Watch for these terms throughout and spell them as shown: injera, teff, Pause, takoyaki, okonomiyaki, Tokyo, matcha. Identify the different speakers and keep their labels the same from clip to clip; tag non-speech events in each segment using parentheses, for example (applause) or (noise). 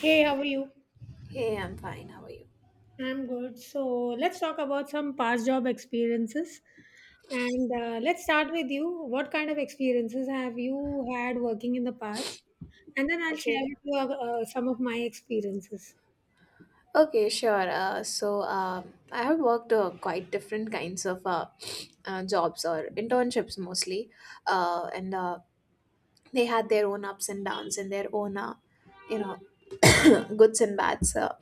Speaker 1: Hey, how are you?
Speaker 2: Hey, I'm fine. How are you?
Speaker 1: I'm good. So let's talk about some past job experiences. And let's start with you. What kind of experiences have you had working in the past? And then I'll share
Speaker 2: Okay.
Speaker 1: with you some of my experiences.
Speaker 2: Okay, sure. I have worked quite different kinds of (sniffs) jobs or internships mostly, and they had their own ups and downs and their own, you know, (clears throat) goods and bads.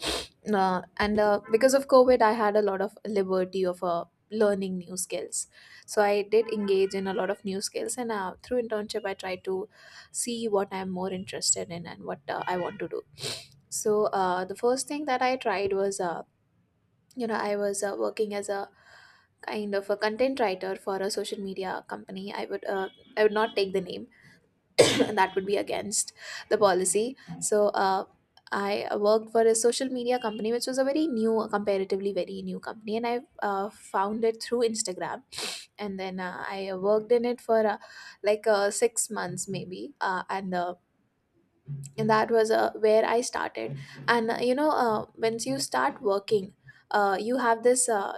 Speaker 2: And Because of covid I had a lot of liberty of learning new skills, so I did engage in a lot of new skills, and through internship I tried to see what I'm more interested in and what I want to do. So the first thing that I tried was, you know, I was working as a kind of a content writer for a social media company. I would not take the name, (coughs) and that would be against the policy. So I worked for a social media company, which was a very new, comparatively very new company, and I found it through Instagram. And then I worked in it for 6 months maybe, and that was where I started. And once you start working, you have this,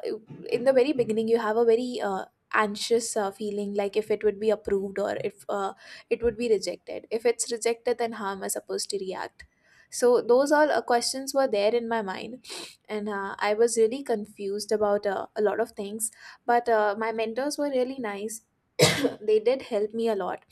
Speaker 2: in the very beginning you have a very anxious feeling, like if it would be approved, or if it would be rejected. If it's rejected, then how am I supposed to react? So those all questions were there in my mind, and I was really confused about a lot of things. But my mentors were really nice. (coughs) they did help me a lot.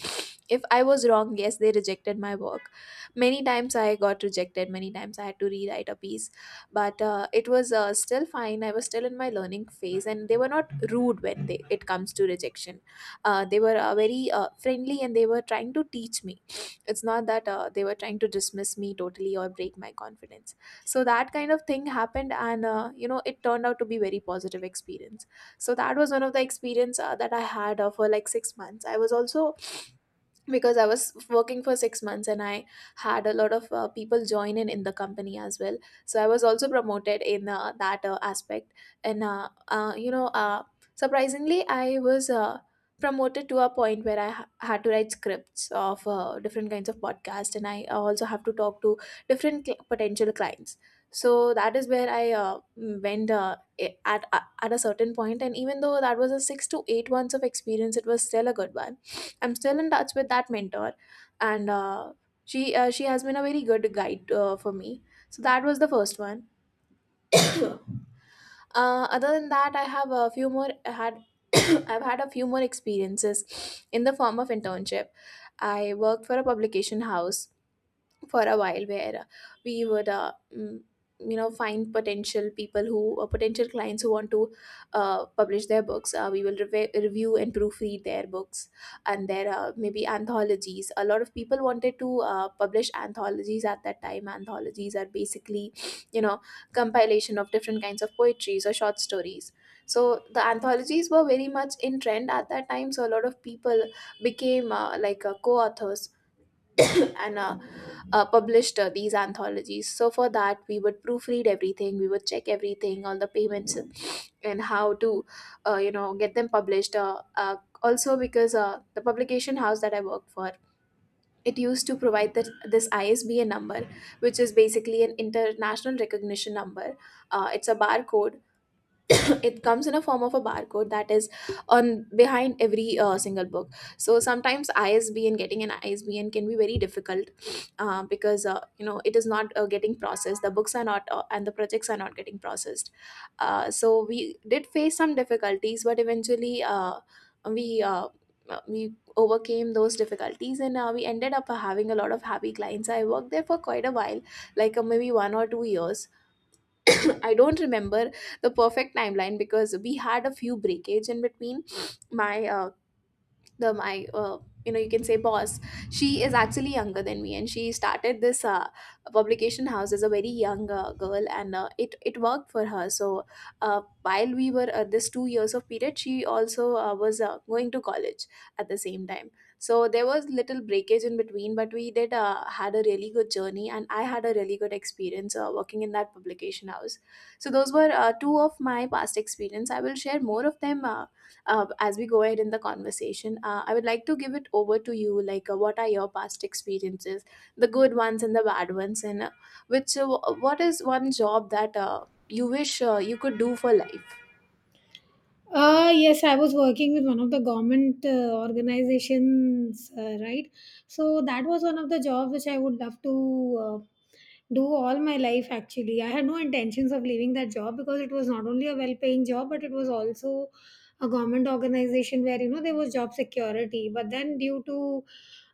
Speaker 2: If I was wrong, yes, they rejected my work. Many times I got rejected, many times I had to rewrite a piece, but it was still fine. I was still in my learning phase, and they were not rude when they, it comes to rejection. They were very friendly, and they were trying to teach me. It's not that they were trying to dismiss me totally or break my confidence. So that kind of thing happened, and you know, it turned out to be very positive experience. So that was one of the experience that I had for like 6 months. I was also, because I was working for 6 months, and I had a lot of people join in the company as well. So I was also promoted in that aspect. And, uh, uh, you know, uh, Surprisingly, I was promoted to a point where had to write scripts of different kinds of podcasts, and I also have to talk to different potential clients. So that is where I went at a certain point, and even though that was a 6 to 8 months of experience, it was still a good one. I'm still in touch with that mentor, and she has been a very good guide for me. So that was the first one. (coughs) Other than that, I have a few more. I had (coughs) I've had a few more experiences in the form of internship. I worked for a publication house for a while, where we would, you know, find potential people who potential clients who want to publish their books. We will review and proofread their books and their, maybe, anthologies. A lot of people wanted to publish anthologies at that time. Anthologies are basically, you know, compilation of different kinds of poetries or short stories. So the anthologies were very much in trend at that time, so a lot of people became, co-authors, and published these anthologies. So for that, we would proofread everything, we would check everything, all the payments, and how to, you know, get them published. Also, because the publication house that I worked for, it used to provide that this ISBN number, which is basically an international recognition number. It's a barcode. (coughs) it comes in a form of a barcode that is on behind every single book. So sometimes isbn getting an ISBN can be very difficult, because you know, it is not getting processed. The books are not and the projects are not getting processed. So we did face some difficulties, but eventually we uh, we overcame those difficulties, and we ended up having a lot of happy clients. I worked there for quite a while, maybe 1 or 2 years. (coughs) I don't remember the perfect timeline, because we had a few breakage in between. My the my You know, you can say boss, she is actually younger than me, and she started this publication house as a very young girl, and it worked for her. So while we were at this 2 years of period, she also was going to college at the same time, so there was little breakage in between. But we did had a really good journey, and I had a really good experience working in that publication house. So those were two of my past experience. I will share more of them as we go ahead in the conversation. I would like to give it over to you, like, what are your past experiences, the good ones and the bad ones, and, which what is one job that you wish you could do for life?
Speaker 1: Yes, I was working with one of the government organizations, right? So that was one of the jobs which I would love to do all my life, actually. I had no intentions of leaving that job because it was not only a well paying job, but it was also a government organization where, you know, there was job security. But then, due to,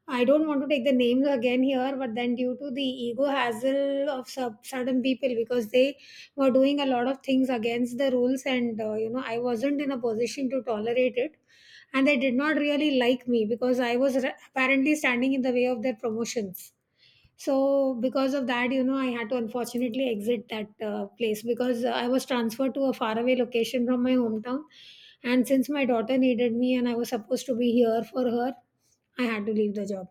Speaker 1: I don't want to take the names again here, but then due to the ego hassle of certain people because they were doing a lot of things against the rules, and you know, I wasn't in a position to tolerate it, and they did not really like me because I was apparently standing in the way of their promotions. So because of that, you know, I had to unfortunately exit that place because I was transferred to a faraway location from my hometown. And since my daughter needed me and I was supposed to be here for her, I had to leave the job.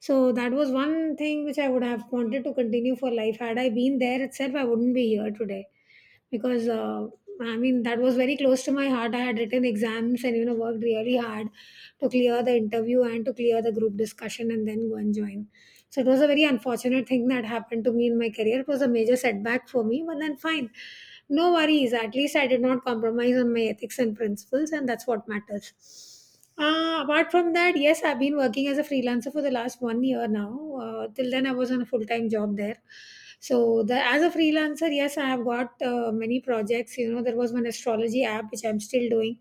Speaker 1: So that was one thing which I would have wanted to continue for life. Had I been there itself, I wouldn't be here today because I mean, that was very close to my heart. I had written exams, and you know, worked really hard to clear the interview and to clear the group discussion and then go and join. So it was a very unfortunate thing that happened to me in my career. It was a major setback for me, but then fine. No worries, at least I did not compromise on my ethics and principles, and that's what matters. Apart from that, yes, I've been working as a freelancer for the last 1 year now. Till then, I was on a full time job there. So, the, as a freelancer, yes, I have got many projects. You know, there was one astrology app which I'm still doing.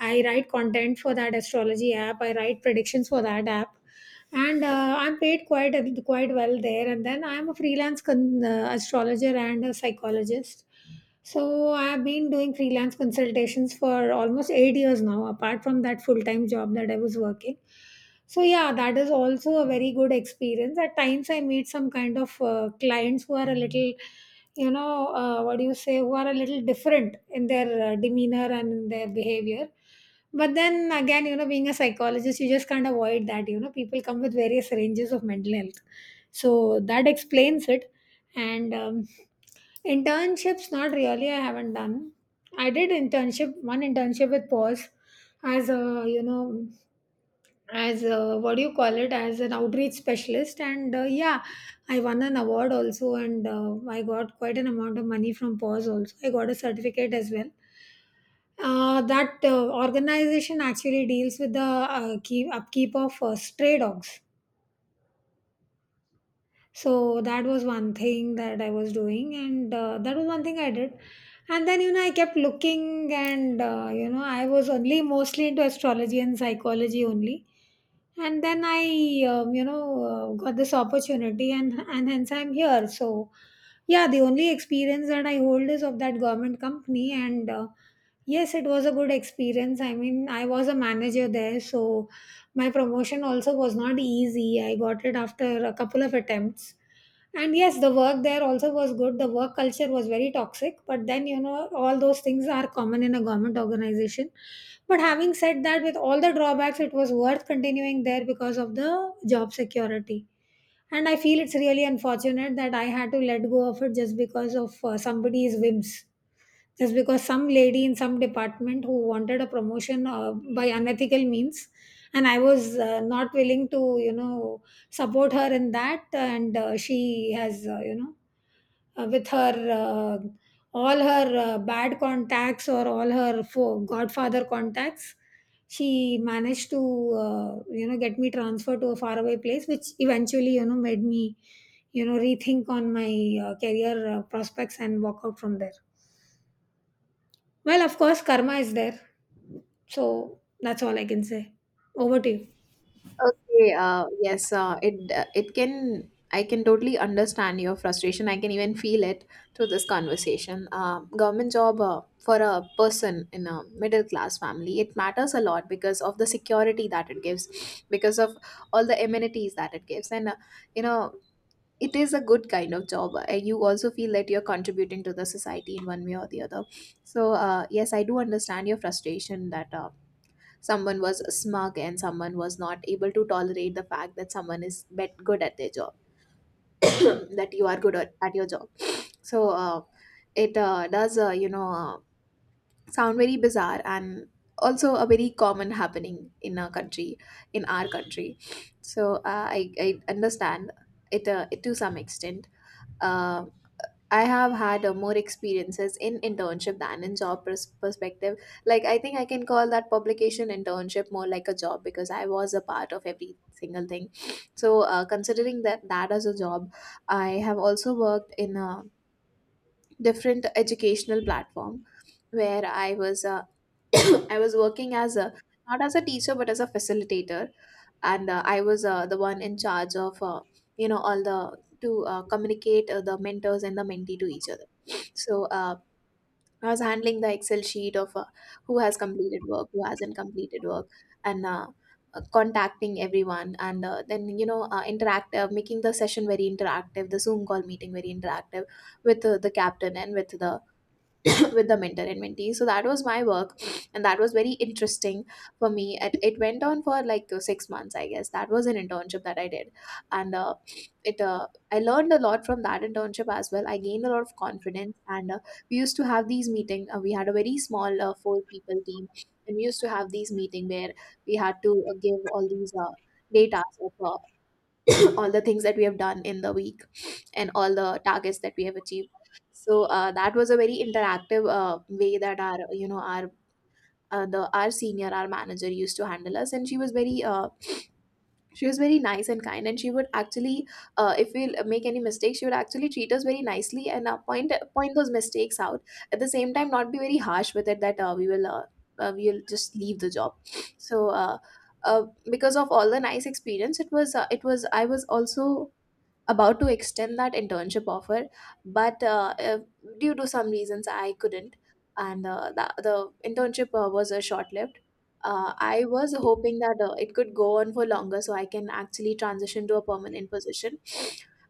Speaker 1: I write content for that astrology app, I write predictions for that app, and I'm paid quite well there. And then I'm a freelance astrologer and a psychologist. So I've been doing freelance consultations for almost 8 years now, apart from that full time job that I was working. So yeah, that is also a very good experience. At times, I meet some kind of clients who are a little, you know, what do you say, who are a little different in their demeanor and in their behavior. But then again, you know, being a psychologist, you just can't avoid that. You know, people come with various ranges of mental health, so that explains it. And internships, not really. I haven't done. I did internship, one internship with Pause as a, you know, as a, what do you call it, as an outreach specialist. And yeah, I won an award also, and I got quite an amount of money from Pause also. I got a certificate as well. That organization actually deals with the keep, upkeep of stray dogs. So that was one thing that I was doing, and that was one thing I did. And then, you know, I kept looking, and, you know, I was only mostly into astrology and psychology only. And then I, you know, got this opportunity, and hence I'm here. So, yeah, the only experience that I hold is of that government company, and yes, it was a good experience. I mean, I was a manager there, so my promotion also was not easy. I got it after a couple of attempts, and yes, the work there also was good. The work culture was very toxic, but then you know all those things are common in a government organization. But having said that, with all the drawbacks, it was worth continuing there because of the job security. And I feel it's really unfortunate that I had to let go of it just because of somebody's whims, just because some lady in some department who wanted a promotion by unethical means, and I was not willing to, you know, support her in that. And she has, you know, with her, uh, all her bad contacts, or all her godfather contacts, she managed to you know, get me transferred to a faraway place, which eventually, you know, made me, you know, rethink on my career prospects and walk out from there. Well, of course, karma is there. So that's all I can say. Over to you.
Speaker 2: Okay, yes, it can, I can totally understand your frustration. I can even feel it through this conversation. Government job for a person in a middle class family, it matters a lot because of the security that it gives, because of all the amenities that it gives, and you know, it is a good kind of job. You also feel that you're contributing to the society in one way or the other. So yes, I do understand your frustration that. Someone was smug and someone was not able to tolerate the fact that someone is bet good at their job, (coughs) (clears throat) that you are good at your job. So it does, sound very bizarre and also a very common happening in our country, in our country. So I understand it, it to some extent. Um I have had more experiences in internship than in job perspective. Like, I think I can call that publication internship more like a job, because I was a part of every single thing. So considering that as a job, I have also worked in a different educational platform, where I was (coughs) I was working as a, not as a teacher, but as a facilitator. And I was the one in charge of, you know, all the, to communicate the mentors and the mentee to each other. (sniffs) So I was handling the excel sheet of who has completed work, who hasn't completed work. And contacting everyone, and then, you know, interactive, making the session very interactive, the zoom call meeting very interactive with the captain, and with the, (coughs) with the mentor and mentee. So that was my work, and that was very interesting for me. It went on for 6 months, I guess. That was an internship that I did, and it I learned a lot from that internship as well. I gained a lot of confidence, and we used to have these meeting. We had a very small 4 people team, and we used to have these meeting where we had to give all these data of (clears throat) all the things that we have done in the week and all the targets that we have achieved. So that was a very interactive way that our you know our the our senior, our manager, used to handle us. And she was very nice and kind, and she would actually, if we will make any mistakes, she would actually treat us very nicely and point those mistakes out. At the same time, not be very harsh with it, that we'll just leave the job. So uh, uh, because of all the nice experience, it was, I was also about to extend that internship offer, but due to some reasons, I couldn't. And the internship was short lived. I was hoping that it could go on for longer, so I can actually transition to a permanent position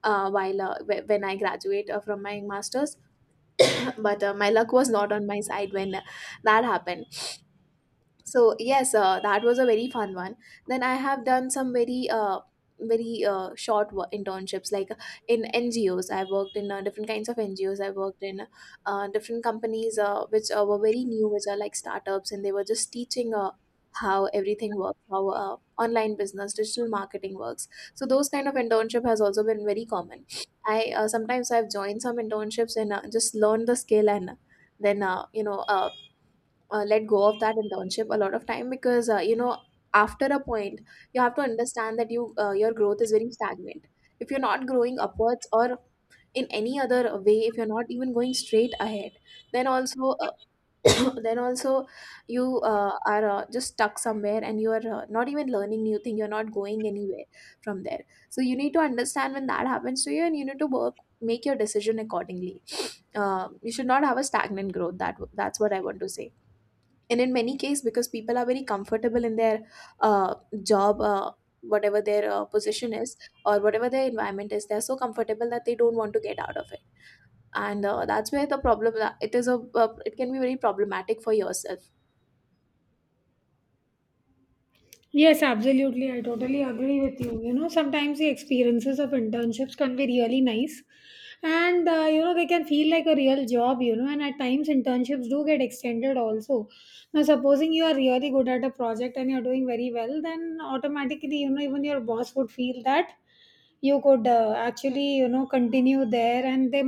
Speaker 2: when I graduate from my master's. But my luck was not on my side when that happened. So yes, that was a very fun one. Then I have done some very very short internships, in NGOs. I worked in different kinds of NGOs, I worked in different companies, which were very new, which are like startups, and they were just teaching how everything works, how online business, digital marketing works. So those kind of internship has also been very common. I uh, sometimes I've joined some internships and just learned the skill, and then, let go of that internship a lot of time, because, you know, after a point you have to understand that your growth is very stagnant. If you're not growing upwards, or in any other way, if you're not even going straight ahead, then also (coughs) then also you are just stuck somewhere, and you are not even learning new thing, you're not going anywhere from there. So you need to understand when that happens to you, and you need to work, make your decision accordingly. You should not have a stagnant growth, that's what I want to say. And in many cases, because people are very comfortable in their, uh, job, whatever their position is, or whatever their environment is, they're so comfortable that they don't want to get out of it. And that's where the problem, it is a it can be very problematic for yourself.
Speaker 1: Yes, absolutely. I totally agree with you. You know, sometimes the experiences of internships can be really nice and, you know, they can feel like a real job, you know, and at times internships do get extended also. Now, supposing you are really good at a project and you're doing very well, then automatically, you know, even your boss would feel that you could, actually, you know, continue there, and they